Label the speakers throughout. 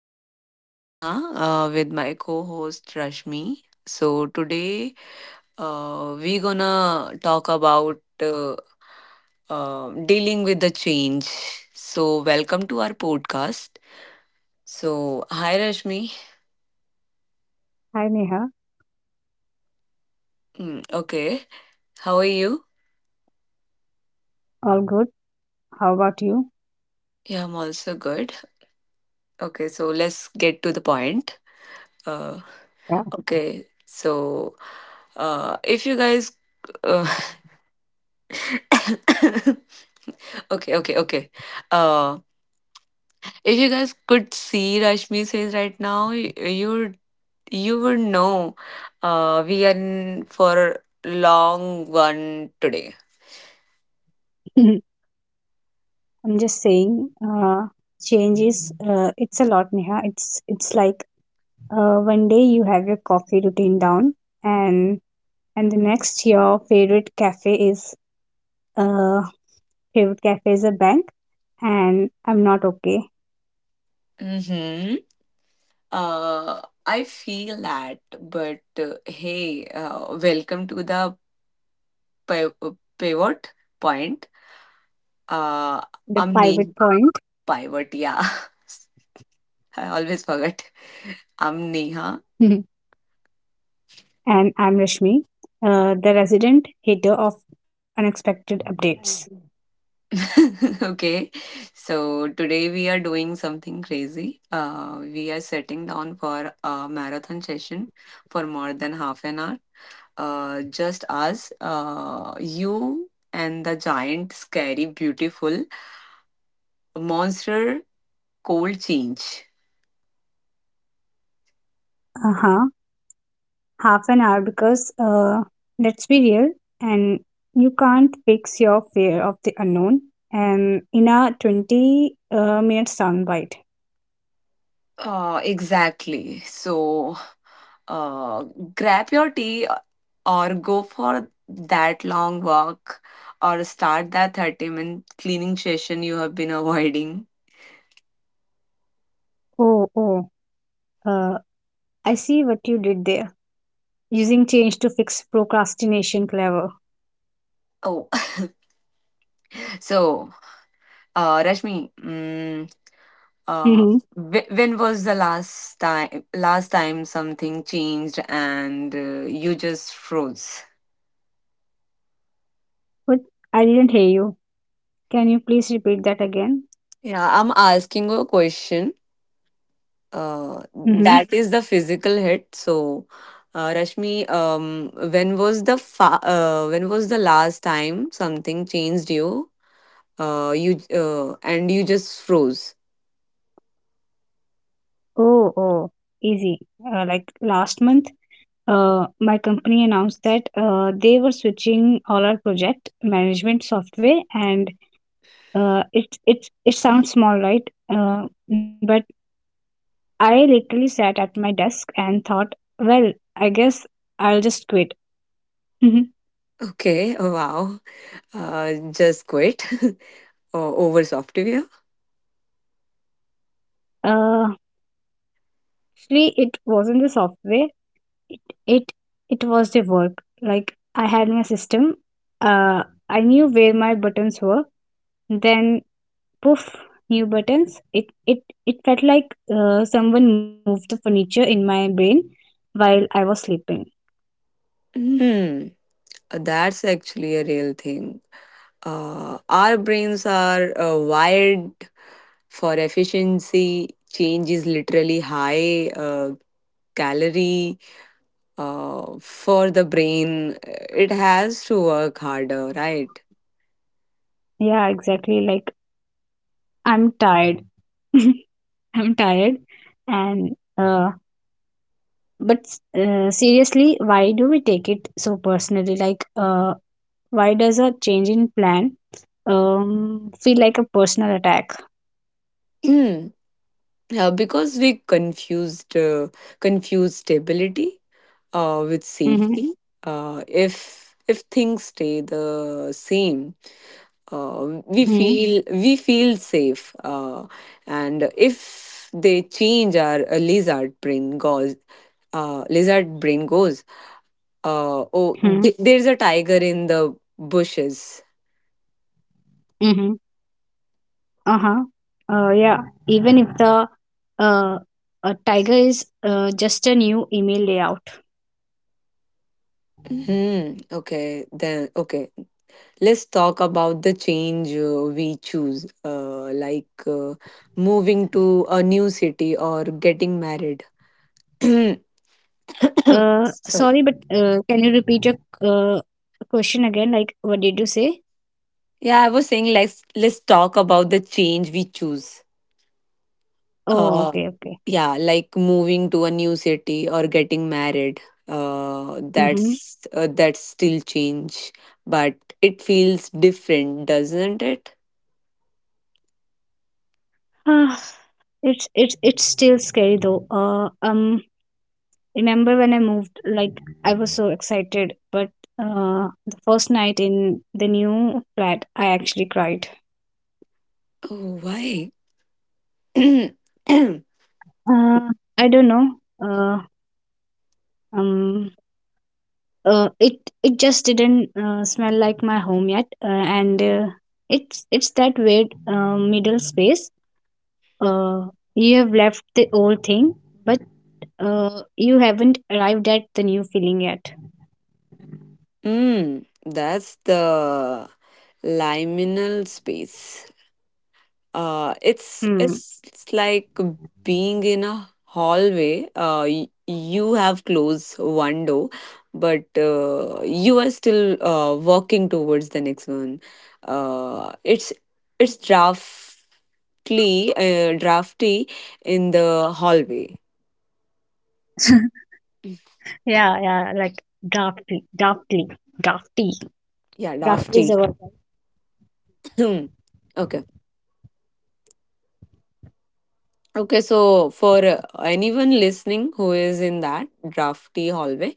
Speaker 1: This is Neha with my co-host Rashmi. So today, we're gonna talk about dealing with the change. So welcome to our podcast. So hi, Rashmi.
Speaker 2: Hi Neha,
Speaker 1: Okay, how are you?
Speaker 2: all good. How about you?
Speaker 1: Yeah, I'm also good. Okay, so let's get to the point. Uh, okay, so if you guys uh, okay, okay, okay. Uh, If you guys could see Rashmi's face right now, you you would know we are in for long one today.
Speaker 2: Yeah, I'm just saying, uh, changes. It's a lot, Neha. It's like one day you have your coffee routine down, and and the next your favorite cafe is uh a bank, and I'm not okay.
Speaker 1: Mm-hmm. Uh, I feel that, but hey, welcome to the pi- pivot point. Uh,
Speaker 2: The
Speaker 1: I'm Neha.
Speaker 2: pivot point,
Speaker 1: Pivot, yeah. I always forget. I'm Neha.
Speaker 2: and I'm Rashmi, the resident hater of unexpected updates.
Speaker 1: Okay, so today we are doing something crazy. We are sitting down for a marathon session for more than half an hour. Just us, you, and the giant, scary, beautiful monster cold change.
Speaker 2: Uh huh. Half an hour because let's be real, and you can't fix your fear of the unknown and in a 20 minute soundbite.
Speaker 1: Exactly. So, uh, grab your tea or go for that long walk or start that 30-minute cleaning session you have been avoiding.
Speaker 2: Oh, oh, uh, I see what you did there. Using change to fix procrastination. Clever.
Speaker 1: Oh. So, Rashmi, uh,
Speaker 2: Mm-hmm.
Speaker 1: when was the last time something changed and you just froze?
Speaker 2: But I didn't hear you. Can you please repeat that again?
Speaker 1: Yeah, I'm asking a question. Uh,
Speaker 2: Mm-hmm.
Speaker 1: that is the physical hit. So, Rashmi, when was the last time something changed you? You and you just froze.
Speaker 2: Oh, oh, easy. Like last month, my company announced that they were switching all our project management software, and it sounds small, right? Uh, but I literally sat at my desk and thought, well, I guess I'll just quit. uh,
Speaker 1: Okay, wow. Just quit over software.
Speaker 2: Actually, it wasn't the software. It it it was the work. Like I had my system. I knew where my buttons were. Then poof, new buttons. It felt like someone moved the furniture in my brain while I was sleeping.
Speaker 1: Hmm. That's actually a real thing. Our brains are wired for efficiency. Change is literally high calorie for the brain. It has to work harder, right?
Speaker 2: Yeah, exactly. Like I'm tired. I'm tired. And, but, seriously, why do we take it so personally? Like, why does a change in plan feel like a personal attack?
Speaker 1: Hmm. Because we confuse stability with
Speaker 2: Mm-hmm.
Speaker 1: safety. If things stay the same, uh, we
Speaker 2: Mm-hmm.
Speaker 1: feel we feel safe and if they change our lizard brain goes oh,
Speaker 2: Mm-hmm.
Speaker 1: there's a tiger in the bushes.
Speaker 2: Mm-hmm. Uh-huh. Yeah. Even if the uh, a tiger is just a new email layout.
Speaker 1: Hmm, okay then. Okay, let's talk about the change we choose, like moving to a new city or getting married.
Speaker 2: Sorry, but
Speaker 1: Sorry.
Speaker 2: can you repeat your uh, question again? Like, what did you say?
Speaker 1: Yeah, I was saying, let's talk about the change we choose.
Speaker 2: Oh,
Speaker 1: uh
Speaker 2: okay, okay.
Speaker 1: yeah, like moving to a new city or getting married.
Speaker 2: Mm-hmm.
Speaker 1: That's still change, but it feels different, doesn't it?
Speaker 2: It's still scary though. Remember when I moved? Like I was so excited, but the first night in the new flat, I actually cried.
Speaker 1: Oh, why?
Speaker 2: Uh, I don't know. Uh, um, it just didn't smell like my home yet, and it's that weird middle space. Uh, you have left the old thing, but you haven't arrived at the new feeling yet.
Speaker 1: mm, that's the liminal space. It's
Speaker 2: Hmm.
Speaker 1: it's it's like being in a hallway. You have closed one door, but you are still working towards the next one. Uh, it's it's drafty, uh, drafty in the hallway.
Speaker 2: Yeah, yeah, like drafty, drafty, drafty.
Speaker 1: Yeah,
Speaker 2: Drafty is
Speaker 1: drafty.
Speaker 2: a word.
Speaker 1: Okay. Okay, so for anyone listening who is in that drafty hallway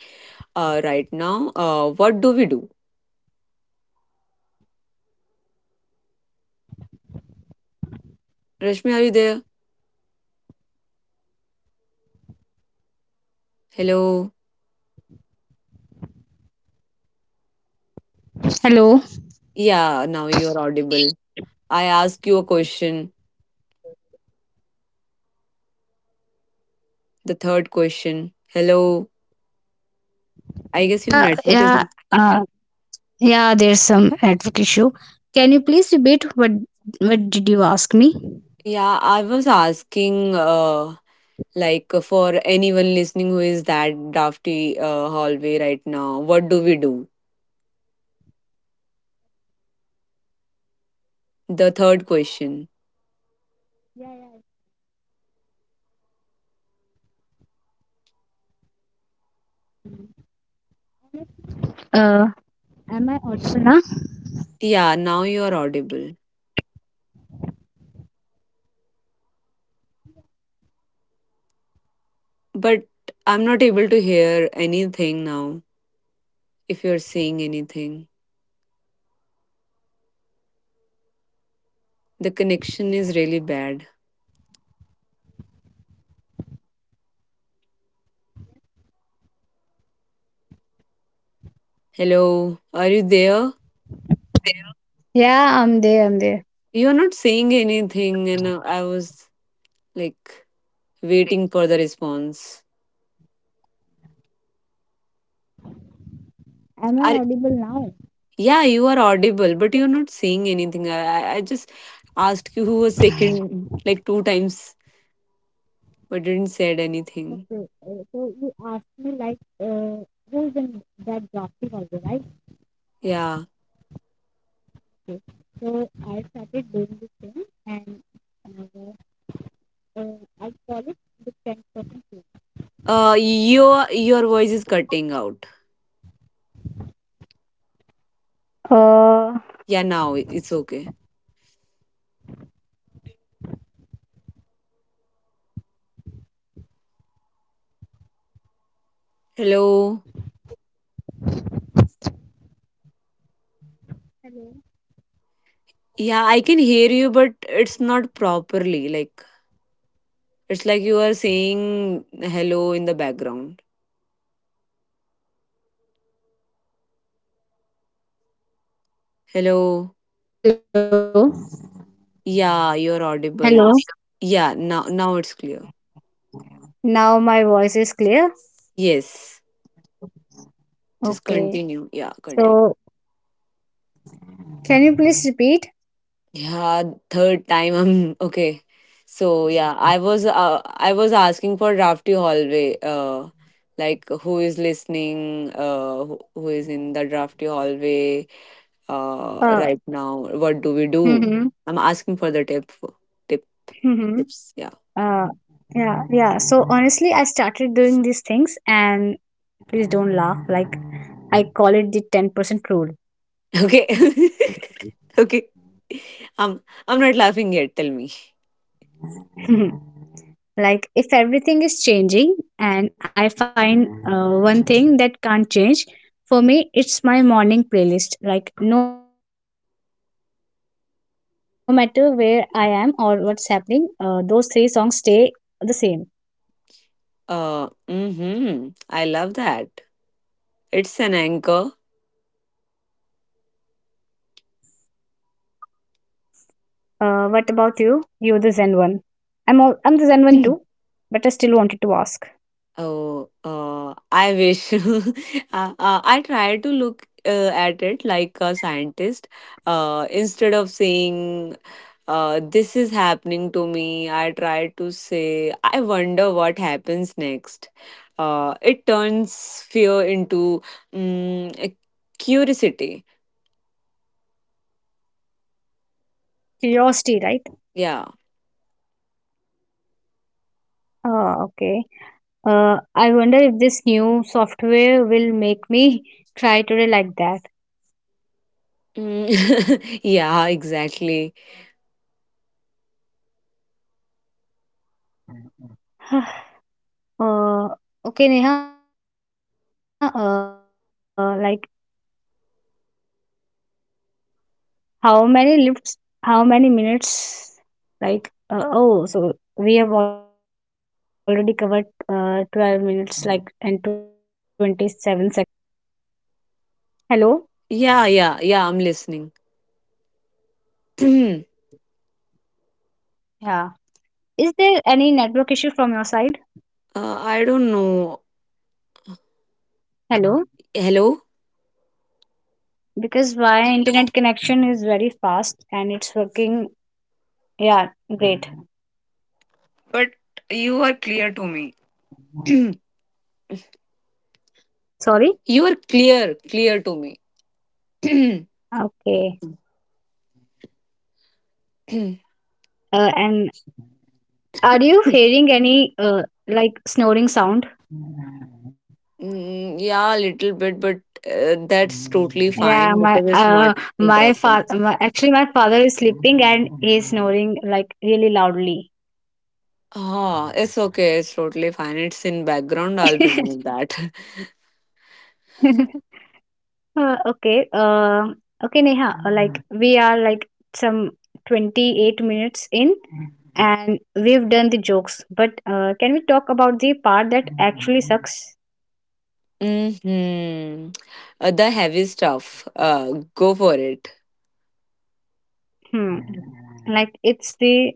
Speaker 1: right now, what do we do? Rashmi, are you there? Hello.
Speaker 2: Hello.
Speaker 1: Yeah, now you're audible. I ask you a question, the third question. Hello. I guess your network is.
Speaker 2: Yeah. Uh, yeah. There's some network issue. Can you please repeat what did you ask me?
Speaker 1: Yeah, I was asking, like, for anyone listening who is that drafty hallway right now, what do we do? The third question.
Speaker 2: Yeah, yeah. Uh, am I audible now?
Speaker 1: Yeah, now you're audible. But I'm not able to hear anything now if you're saying anything. The connection is really bad. Hello, are you there?
Speaker 2: Yeah, I'm there. I'm there.
Speaker 1: You're not saying anything, and I was like waiting for the response.
Speaker 2: Am I
Speaker 1: Are,
Speaker 2: audible now?
Speaker 1: yeah, you are audible, but you're not saying anything. I just asked you a second, like two times, but didn't said anything.
Speaker 2: Okay. So you asked me like who is in that drafty also, right?
Speaker 1: Yeah.
Speaker 2: Okay. So I started doing this thing, and uh, uh, I call it the 10%.
Speaker 1: Your voice is cutting out.
Speaker 2: Uh,
Speaker 1: Yeah, now it's okay. Hello.
Speaker 2: Hello.
Speaker 1: Yeah, I can hear you, but it's not properly. Like it's like you are saying hello in the background. Hello.
Speaker 2: Hello.
Speaker 1: Yeah, you're
Speaker 2: Hello.
Speaker 1: audible. Yeah, now it's clear.
Speaker 2: Now my voice is clear.
Speaker 1: Yes. Just
Speaker 2: Okay.
Speaker 1: continue. Yeah, continue.
Speaker 2: So can you please repeat?
Speaker 1: Yeah, third time I'm okay. So yeah, I was asking for drafty hallway. Like who is listening? Who is in the drafty hallway?
Speaker 2: Uh,
Speaker 1: Right now, what do we do?
Speaker 2: mm-hmm,
Speaker 1: I'm asking for the tip. Tip
Speaker 2: mm-hmm.
Speaker 1: Tips. Yeah.
Speaker 2: Uh, yeah, yeah. So honestly, I started doing these things, and please don't laugh. Like I call it the 10% rule.
Speaker 1: Okay. Okay. I'm I'm not laughing yet. Tell me.
Speaker 2: Like if everything is changing and I find one thing that can't change. For me it's my morning playlist. Like no matter where I am or what's happening, those three songs stay the same.
Speaker 1: Mm-hmm. I love that. It's an anchor.
Speaker 2: What about You're the zen one. I'm the zen one too, but I still wanted to
Speaker 1: Hmm.
Speaker 2: ask.
Speaker 1: Oh, I wish. I try to look at it like a scientist. Instead of saying, this is happening to me, I try to say, I wonder what happens next. It turns fear into um, curiosity.
Speaker 2: Curiosity, right?
Speaker 1: Yeah.
Speaker 2: Ah, okay. I wonder if this new software will make me cry today, like that.
Speaker 1: Mm. Yeah, exactly.
Speaker 2: uh, okay, Neha, like how many lifts how many minutes? like oh, so we have already covered 12 minutes like and 27 seconds, so uh
Speaker 1: Yeah,
Speaker 2: hello.
Speaker 1: yeah, yeah, I'm listening. uh,
Speaker 2: Yeah. Is there any network issue from your side?
Speaker 1: I don't know.
Speaker 2: Hello?
Speaker 1: Hello?
Speaker 2: Because my internet connection is very fast and it's working, yeah, great.
Speaker 1: But you are clear to me. You
Speaker 2: Sorry.
Speaker 1: are clear to me.
Speaker 2: Okay. And are you hearing any uh, like snoring sound?
Speaker 1: Mm, yeah, a little bit, but that's totally
Speaker 2: Yeah,
Speaker 1: fine because it's not interrupting.
Speaker 2: actually, my father is sleeping and he's snoring like really loudly.
Speaker 1: Ah, it's okay. It's totally fine. It's in background. I'll remove that.
Speaker 2: Okay, okay, Neha, like we are like some 28 minutes in, and we've done the jokes, but can we talk about the part that actually sucks?
Speaker 1: Hmm. The heavy stuff. Go for it.
Speaker 2: Hmm, like it's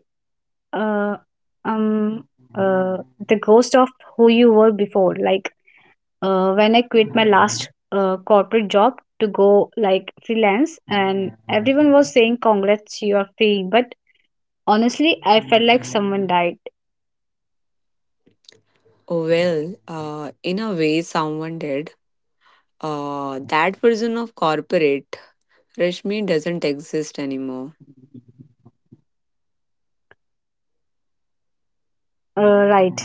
Speaker 2: uh, um, the ghost of who you were before. When I quit my last corporate job to go like freelance, and everyone was saying, "Congrats, you are free." But honestly, I felt like someone died.
Speaker 1: Oh, well, in a way, someone did. That version of corporate Rashmi doesn't exist anymore.
Speaker 2: Right.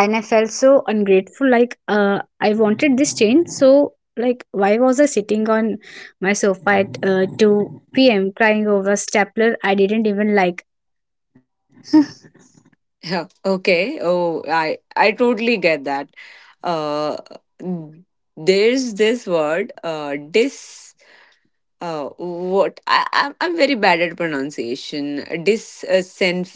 Speaker 2: And I felt so ungrateful. Like, I wanted this change. So, like, why was I sitting on my sofa at 2 p.m. crying over a stapler I didn't even like?
Speaker 1: Yeah, okay. Oh, I totally get that. Uh, there's this word, dis. Uh, what I'm very bad at pronunciation.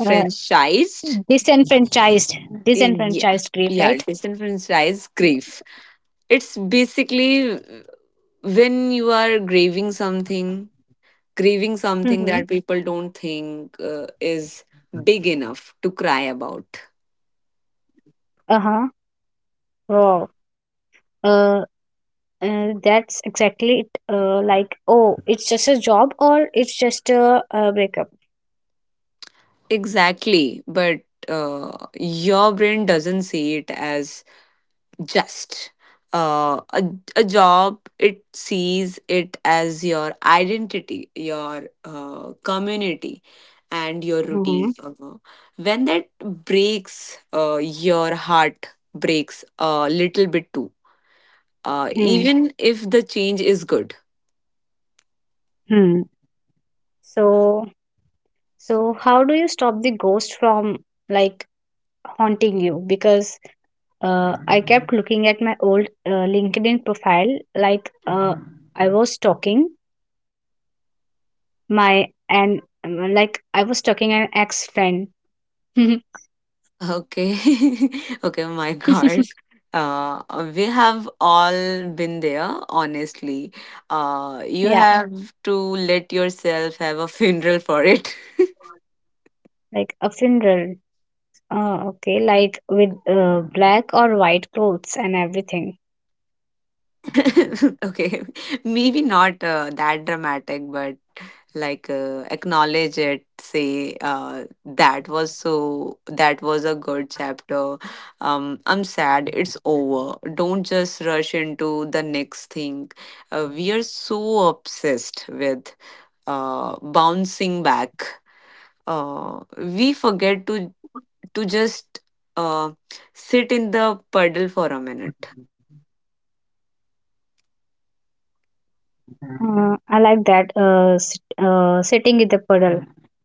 Speaker 2: Uh, disenfranchised,
Speaker 1: Yeah,
Speaker 2: Disenfranchised grief,
Speaker 1: yeah.
Speaker 2: right?
Speaker 1: Disenfranchised grief. It's basically when you are grieving something
Speaker 2: Mm-hmm.
Speaker 1: that people don't think is big enough to cry about.
Speaker 2: Uh huh. Wow. Uh, that's exactly it, like, oh, it's just a job, or it's just a breakup.
Speaker 1: Exactly, but your brain doesn't see it as just uh, a, a job. It sees it as your identity, your community. And your
Speaker 2: Hmm.
Speaker 1: routine. When that breaks, your heart breaks a little bit too.
Speaker 2: Hmm.
Speaker 1: Even if the change is good.
Speaker 2: Hmm. So so how do you stop the ghost from like haunting you, because I kept looking at my old LinkedIn profile, like I was stalking my and like I was stalking an ex friend.
Speaker 1: Okay. Okay, my
Speaker 2: Yeah,
Speaker 1: God. Uh, we have all been there, honestly. You have to let yourself have a funeral for it.
Speaker 2: like a funeral. Okay, like with black or white clothes and everything.
Speaker 1: Okay, maybe not that dramatic, but like acknowledge it. Say that was a good chapter. I'm sad it's over. Don't just rush into the next thing. We are so obsessed with bouncing back. We forget to just uh, sit in the puddle for a minute.
Speaker 2: I like that. Sitting in the puddle.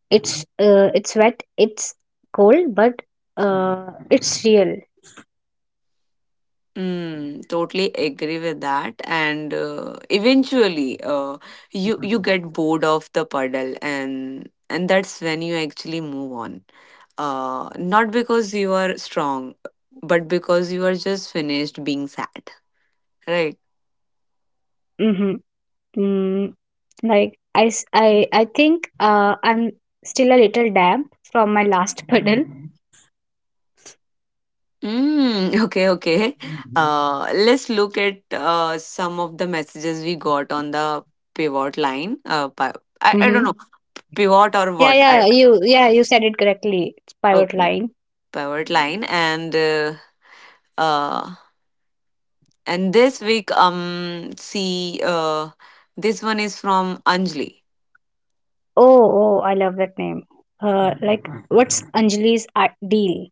Speaker 2: It's wet. It's cold, but it's real.
Speaker 1: Totally agree with that. And eventually, you get bored of the puddle, and that's when you actually move on. Not because you are strong, but because you are just finished being sad, right?
Speaker 2: Mm-hmm. Mm, like I think I'm still a little damp from my last puddle.
Speaker 1: Okay, okay. Let's look at some of the messages we got on the pivot line. I don't
Speaker 2: Mm-hmm.
Speaker 1: know, pivot or
Speaker 2: Yeah,
Speaker 1: what? I
Speaker 2: yeah. Yeah. You said it correctly. It's pivot
Speaker 1: Okay,
Speaker 2: line.
Speaker 1: pivot line and. Uh, and this week, see, this one is from Anjali.
Speaker 2: Oh, oh. I love that name. Like what's Anjali's deal?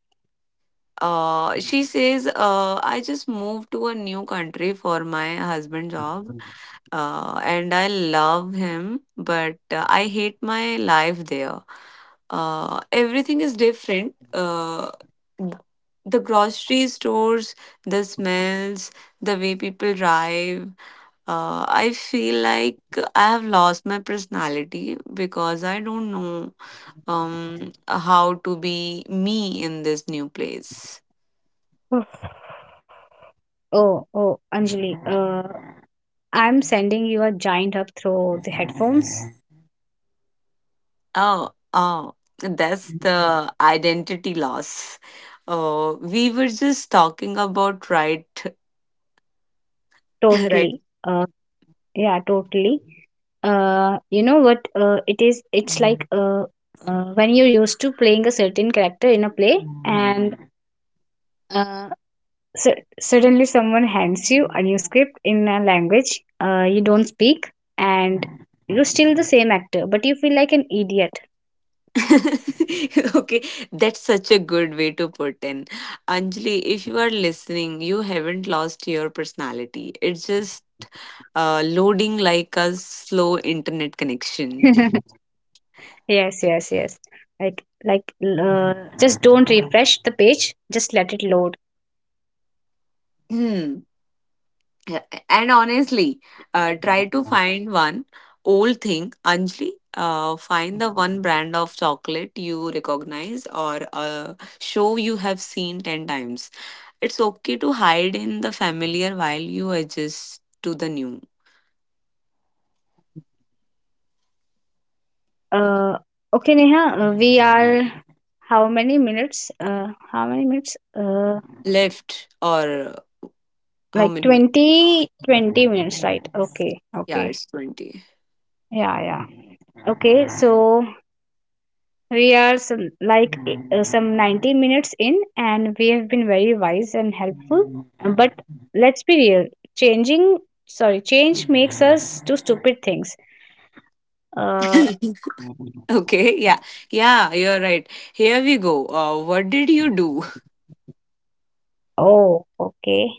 Speaker 1: She says, I just moved to a new country for my husband job, and I love him, but I hate my life there. Everything is different. Th- the grocery stores, the smells, the way people drive. I feel like I have lost my personality because I don't know how to be me in this new place.
Speaker 2: Oh, oh, oh, Anjali, I'm sending you a giant hug through the headphones.
Speaker 1: Oh, oh, that's the identity loss. We were just talking about, right?
Speaker 2: Totally.
Speaker 1: Right.
Speaker 2: Yeah, totally. You know what? It is. It's like when you're used to playing a certain character in a play, and uh, suddenly someone hands you a new script in a language you don't speak, and you're still the same actor, but you feel like an idiot.
Speaker 1: Okay, that's such a good way to put in. Anjali, if you are listening, you haven't lost your personality. It's just loading like a slow internet connection.
Speaker 2: Yes, yes, yes. Like, like, uh, just don't refresh the page. Just let it load.
Speaker 1: Hmm. Yeah, and honestly, try to find one old thing, Anjali. Find the one brand of chocolate you recognize or a show you have seen 10 times. It's okay to hide in the familiar while you adjust to the new.
Speaker 2: Uh, okay, Neha. We are how many minutes? How many minutes?
Speaker 1: Left or how
Speaker 2: Like
Speaker 1: many?
Speaker 2: 20, 20 minutes, right? Okay,
Speaker 1: Yeah,
Speaker 2: okay.
Speaker 1: it's 20.
Speaker 2: Yeah, yeah. Okay, so we are some 90 minutes in, and we have been very wise and helpful. But let's be real. Changing, sorry, change makes us do stupid things. Uh,
Speaker 1: Okay, yeah. Yeah, you're right. Here we go. What did you do?
Speaker 2: Oh, okay.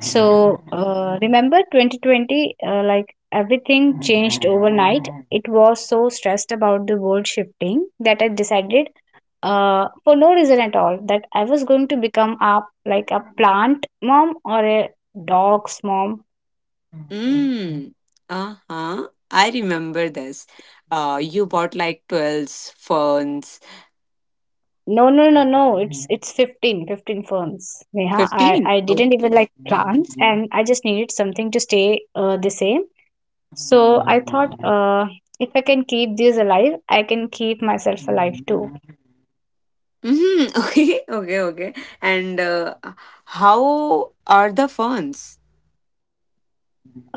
Speaker 2: So, remember 2020, like everything changed overnight. It was so stressed about the world shifting that I decided, for no reason at all, that I was going to become a like a plant mom or a dog's mom.
Speaker 1: Mm. Uh-huh. I remember this. You bought like 12s, ferns,
Speaker 2: No, no, no, no. It's 15, fifteen, 15 firms. Neha, I
Speaker 1: 15.
Speaker 2: I didn't even
Speaker 1: Okay.
Speaker 2: like plants, and I just needed something to stay the same. So I thought, if I can keep these alive, I can keep myself alive too.
Speaker 1: Mm-hmm. Okay, okay, okay. And how are the ferns?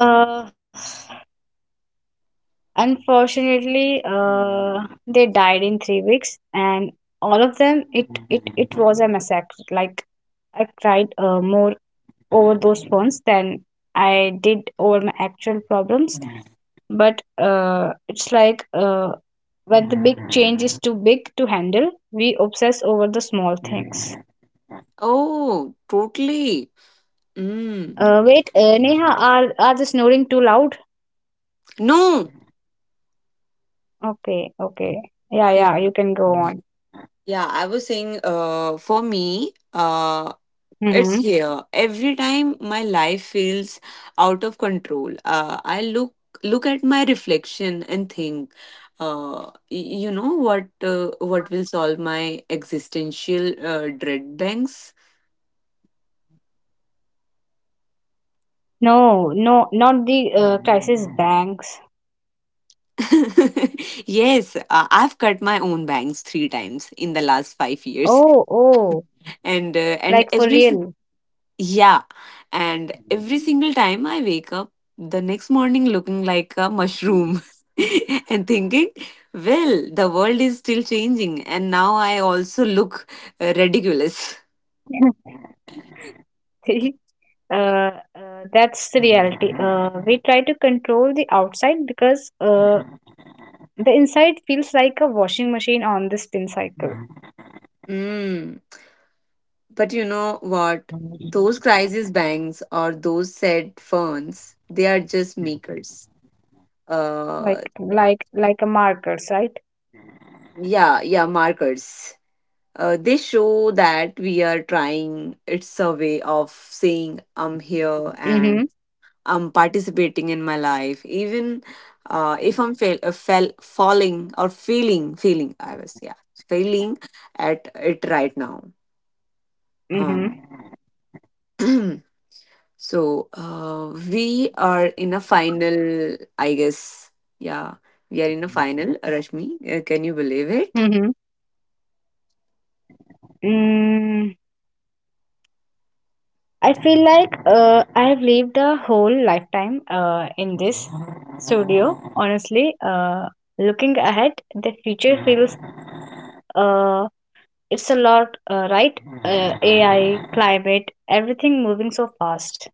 Speaker 2: Uh, Unfortunately, they died in 3 weeks, and all of them, it was a massacre. Like I cried more over those phones than I did over my actual problems. But it's like when the big change is too big to handle, we obsess over the small things.
Speaker 1: Oh, totally. Mm.
Speaker 2: Wait, Neha, are the snoring too loud?
Speaker 1: No.
Speaker 2: Okay, okay. Yeah, yeah,
Speaker 1: Yeah.
Speaker 2: you can go on.
Speaker 1: Yeah, I was saying, for me, it's
Speaker 2: Mm-hmm.
Speaker 1: here. Every time my life feels out of control, I look at my reflection and think, you know what, what will solve my existential dread banks?
Speaker 2: No, no, not the crisis banks.
Speaker 1: Yes, I've cut my own bangs three times in the last 5 years,
Speaker 2: Oh, oh,
Speaker 1: and uh, and
Speaker 2: like for
Speaker 1: every—
Speaker 2: real.
Speaker 1: Yeah. And every single time I wake up the next morning looking like a mushroom and thinking, well, the world is still changing. And now I also look ridiculous.
Speaker 2: See, uh, that's the reality. We try to control the outside because the inside feels like a washing machine on the spin cycle,
Speaker 1: Mm, but you know what? Those crisis banks or those said funds, they are just makers. Uh,
Speaker 2: like a markers, right?
Speaker 1: yeah, yeah, markers. They show that we are trying. It's a way of saying I'm here
Speaker 2: Mm-hmm.
Speaker 1: and. Participating in my life, even if I'm fail, fell, falling or yeah, failing at it right now. Um,
Speaker 2: Mm-hmm.
Speaker 1: so, we are in a final, I guess. Yeah, we are in a final, Rashmi. Can you believe it?
Speaker 2: Mm-hmm. Mm, I feel like I have lived a whole lifetime in this studio. Honestly, looking ahead, the future feels uh, it's a lot, right? AI, climate, everything moving so fast.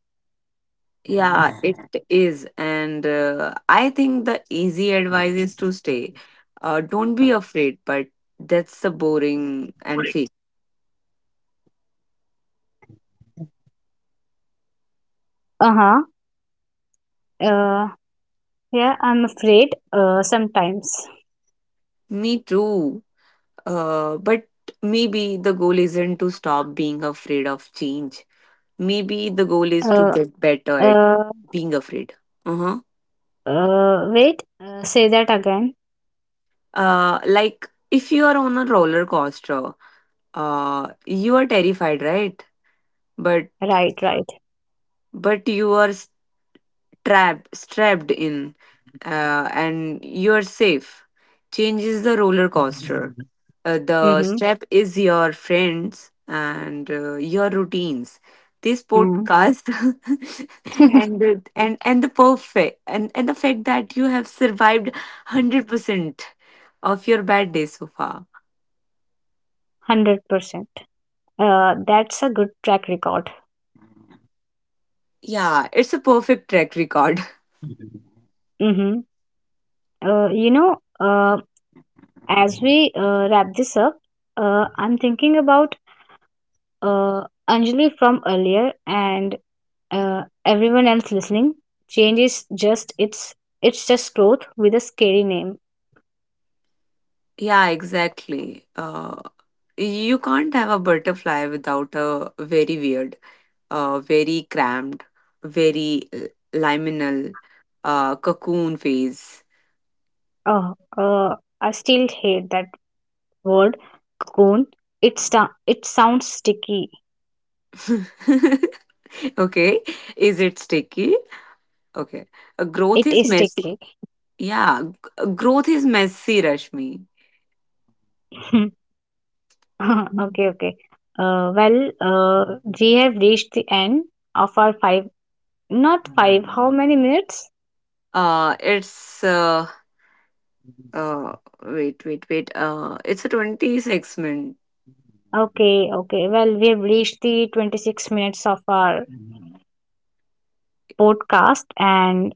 Speaker 1: Yeah, it is. And I think the easy advice is to stay. Don't be afraid, but that's the boring and fake.
Speaker 2: Uh huh. Uh, yeah, I'm afraid sometimes.
Speaker 1: Me too. But maybe the goal isn't to stop being afraid of change. Maybe the goal is to
Speaker 2: Uh,
Speaker 1: get better at
Speaker 2: uh,
Speaker 1: being afraid. Uh-huh.
Speaker 2: Wait, say that again.
Speaker 1: Like if you are on a roller coaster, you are terrified, right? But
Speaker 2: Right, right.
Speaker 1: you are strapped in, and you are safe changes the roller coaster. The
Speaker 2: Mm-hmm.
Speaker 1: step is your friends and your routines. This
Speaker 2: Mm.
Speaker 1: podcast and the perfect and the fact that you have survived 100% of your bad day so far.
Speaker 2: 100%. That's a good track record.
Speaker 1: Yeah, it's a perfect track record.
Speaker 2: Mm-hmm. uh, you know, uh, as we wrap this up, I'm thinking about uh, Anjali from earlier and everyone else listening. Change is just — it's just growth with a scary name.
Speaker 1: Yeah, exactly. You can't have a butterfly without a very weird very cramped, very l- liminal, cocoon phase.
Speaker 2: Oh, I still hate that word cocoon. It sounds sticky.
Speaker 1: Okay, is it sticky? Okay,
Speaker 2: It
Speaker 1: growth is
Speaker 2: is
Speaker 1: messy.
Speaker 2: sticky.
Speaker 1: Yeah, growth is messy, Rashmi.
Speaker 2: Okay, okay. Well, we have reached the end of our five, not five. How many minutes?
Speaker 1: It's uh, Wait, wait, wait. It's a 26 minute.
Speaker 2: Okay, okay. Well, we have reached the 26 minutes of our podcast, and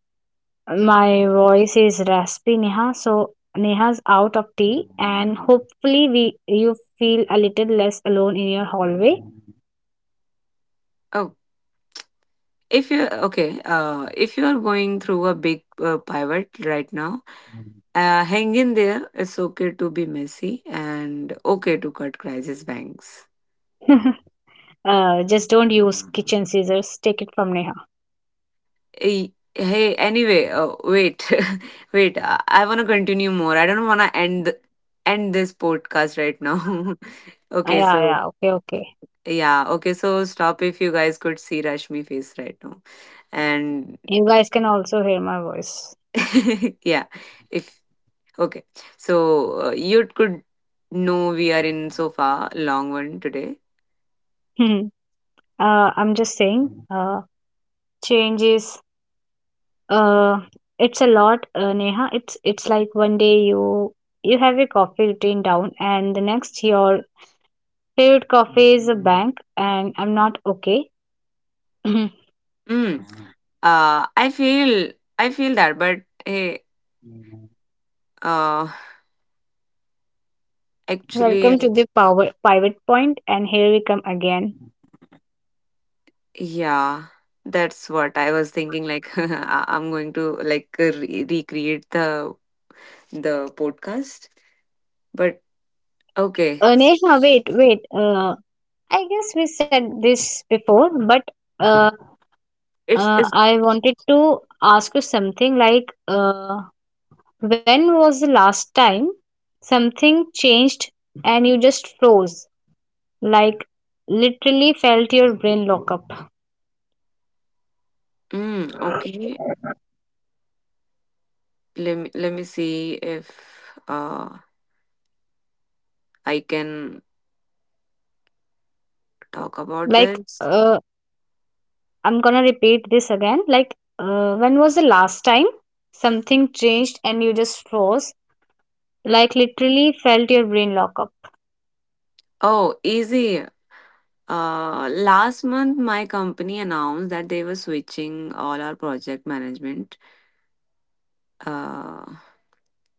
Speaker 2: my voice is raspy, Neha. So, Neha's out of tea, and hopefully, we you feel a little less alone in your hallway.
Speaker 1: Oh, if you okay, if you are going through a big pivot right now, hang in there. It's okay to be messy and okay to cut crisis banks.
Speaker 2: Just don't use kitchen scissors. Take it from Neha.
Speaker 1: Eh, hey, anyway, wait, wait. I want to continue more. I don't want to end this podcast right now.
Speaker 2: Ah,
Speaker 1: Okay,
Speaker 2: yeah,
Speaker 1: so
Speaker 2: yeah. Okay, okay.
Speaker 1: yeah, okay, so stop. If you guys could see Rashmi face right now. And
Speaker 2: You guys can also hear my voice.
Speaker 1: yeah, if okay, so you could know we are in so far long one today.
Speaker 2: uh, I'm just saying, uh, change is. Uh, it's a lot, Neha. It's like one day you have a coffee routine down, and the next your favorite coffee is a bank, and I'm not okay.
Speaker 1: Mm. uh i feel I feel that, but hey, uh actually,
Speaker 2: Welcome to the power pivot point, and here we come again.
Speaker 1: yeah, that's what I was thinking, like I'm going to like recreate the podcast. But okay, so
Speaker 2: Neha, wait, wait. I guess we said this before, but uh,
Speaker 1: it's
Speaker 2: I wanted to ask you something, like, when was the last time something changed and you just froze? Like, literally felt your brain lock up.
Speaker 1: okay, let me see if I can talk about
Speaker 2: like
Speaker 1: this.
Speaker 2: uh, I'm gonna repeat this again. When was the last time something changed and you just froze? Like, literally felt your brain lock up.
Speaker 1: Oh, easy. Last month my company announced that they were switching all our project management. Uh,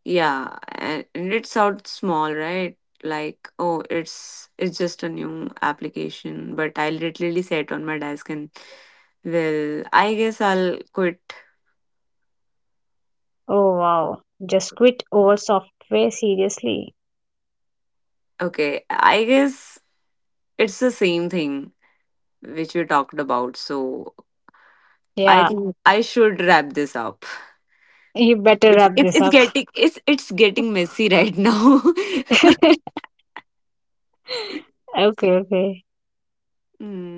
Speaker 1: Yeah, and it sounds small, right? Like, oh, it's just a new application, but I literally sat on my desk and, well, I guess I'll quit.
Speaker 2: Oh, wow. Just quit over software? Seriously.
Speaker 1: Okay, I guess it's the same thing which we talked about. So I
Speaker 2: Yeah.
Speaker 1: think I should wrap this up.
Speaker 2: You better
Speaker 1: It's
Speaker 2: wrap
Speaker 1: it's
Speaker 2: this
Speaker 1: it's
Speaker 2: up.
Speaker 1: getting it's it's getting messy right now.
Speaker 2: Okay, okay.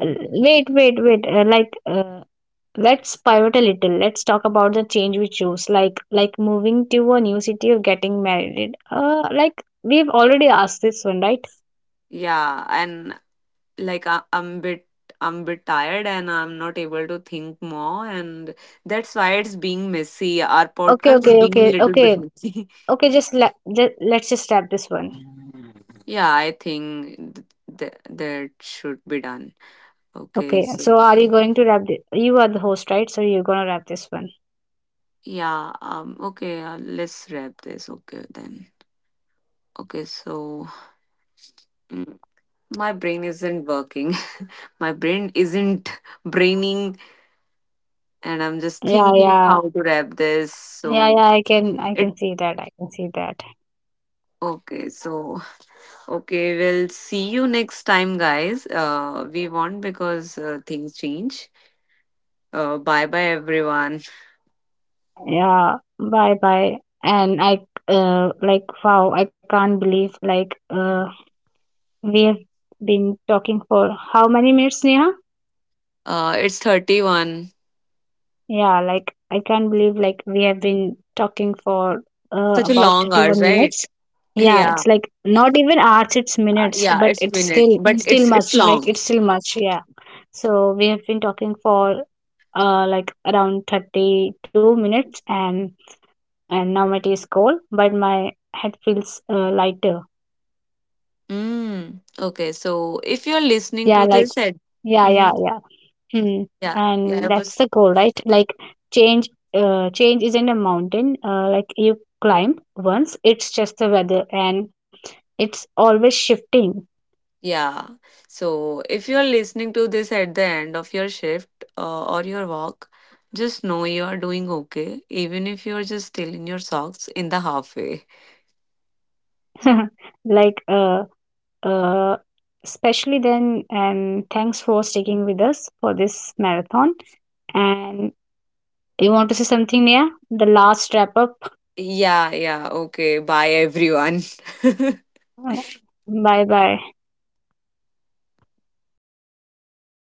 Speaker 2: Uh, Wait, wait, wait. Let's pivot a little. Let's talk about the change we choose, like moving to a new city or getting married. Like we've already asked this one, right?
Speaker 1: Yeah, and like I'm bit tired and I'm not able to think more, and that's why it's being messy, our
Speaker 2: Okay,
Speaker 1: podcast is
Speaker 2: okay,
Speaker 1: being
Speaker 2: okay,
Speaker 1: a little
Speaker 2: okay,
Speaker 1: bit messy.
Speaker 2: okay. Let's just wrap this one.
Speaker 1: Yeah, I think that should be done. Okay,
Speaker 2: Okay, so
Speaker 1: so
Speaker 2: are you going to wrap it? You are the host, right? So you're gonna wrap this one.
Speaker 1: yeah, okay, let's wrap this. Okay then, okay, so mm, my brain isn't working. My brain isn't braining, and I'm just
Speaker 2: Yeah,
Speaker 1: thinking
Speaker 2: yeah,
Speaker 1: how to wrap this.
Speaker 2: yeah,
Speaker 1: So
Speaker 2: yeah. I can, I
Speaker 1: it
Speaker 2: can see that. I can see that.
Speaker 1: okay, so okay, we'll see you next time, guys. We won't because things change. Bye bye, everyone.
Speaker 2: Yeah. Bye, bye. And I, like, wow, I can't believe, like, we have been talking for how many minutes, Neha?
Speaker 1: It's 31.
Speaker 2: Yeah, like I can't believe like we have been talking for
Speaker 1: Such a
Speaker 2: about
Speaker 1: long hours,
Speaker 2: 31
Speaker 1: right?
Speaker 2: minutes. Yeah,
Speaker 1: Yeah,
Speaker 2: it's like not even hours, it's minutes,
Speaker 1: yeah,
Speaker 2: but
Speaker 1: it's
Speaker 2: it's
Speaker 1: minute,
Speaker 2: still
Speaker 1: but
Speaker 2: still
Speaker 1: it's
Speaker 2: much. Like
Speaker 1: long.
Speaker 2: it's still much, yeah. So we have been talking for like around 32 minutes, and now my tea is cold, but my head feels lighter.
Speaker 1: Mm. Okay, so if you're listening to
Speaker 2: Yeah, like,
Speaker 1: this,
Speaker 2: yeah, yeah,
Speaker 1: hmm
Speaker 2: yeah. Hmm,
Speaker 1: yeah, yeah,
Speaker 2: and
Speaker 1: I
Speaker 2: that's the
Speaker 1: was—
Speaker 2: goal, right? Like change isn't a mountain. Like you climb once, it's just the weather, and it's always shifting.
Speaker 1: Yeah. So if you're listening to this at the end of your shift or your walk, just know you're doing okay, even if you're just still in your socks in the halfway.
Speaker 2: Like, uh, especially then. And thanks for sticking with us for this marathon. And you want to say something, Nia? The last wrap up.
Speaker 1: Yeah, yeah. Okay. Bye, everyone.
Speaker 2: Bye, bye.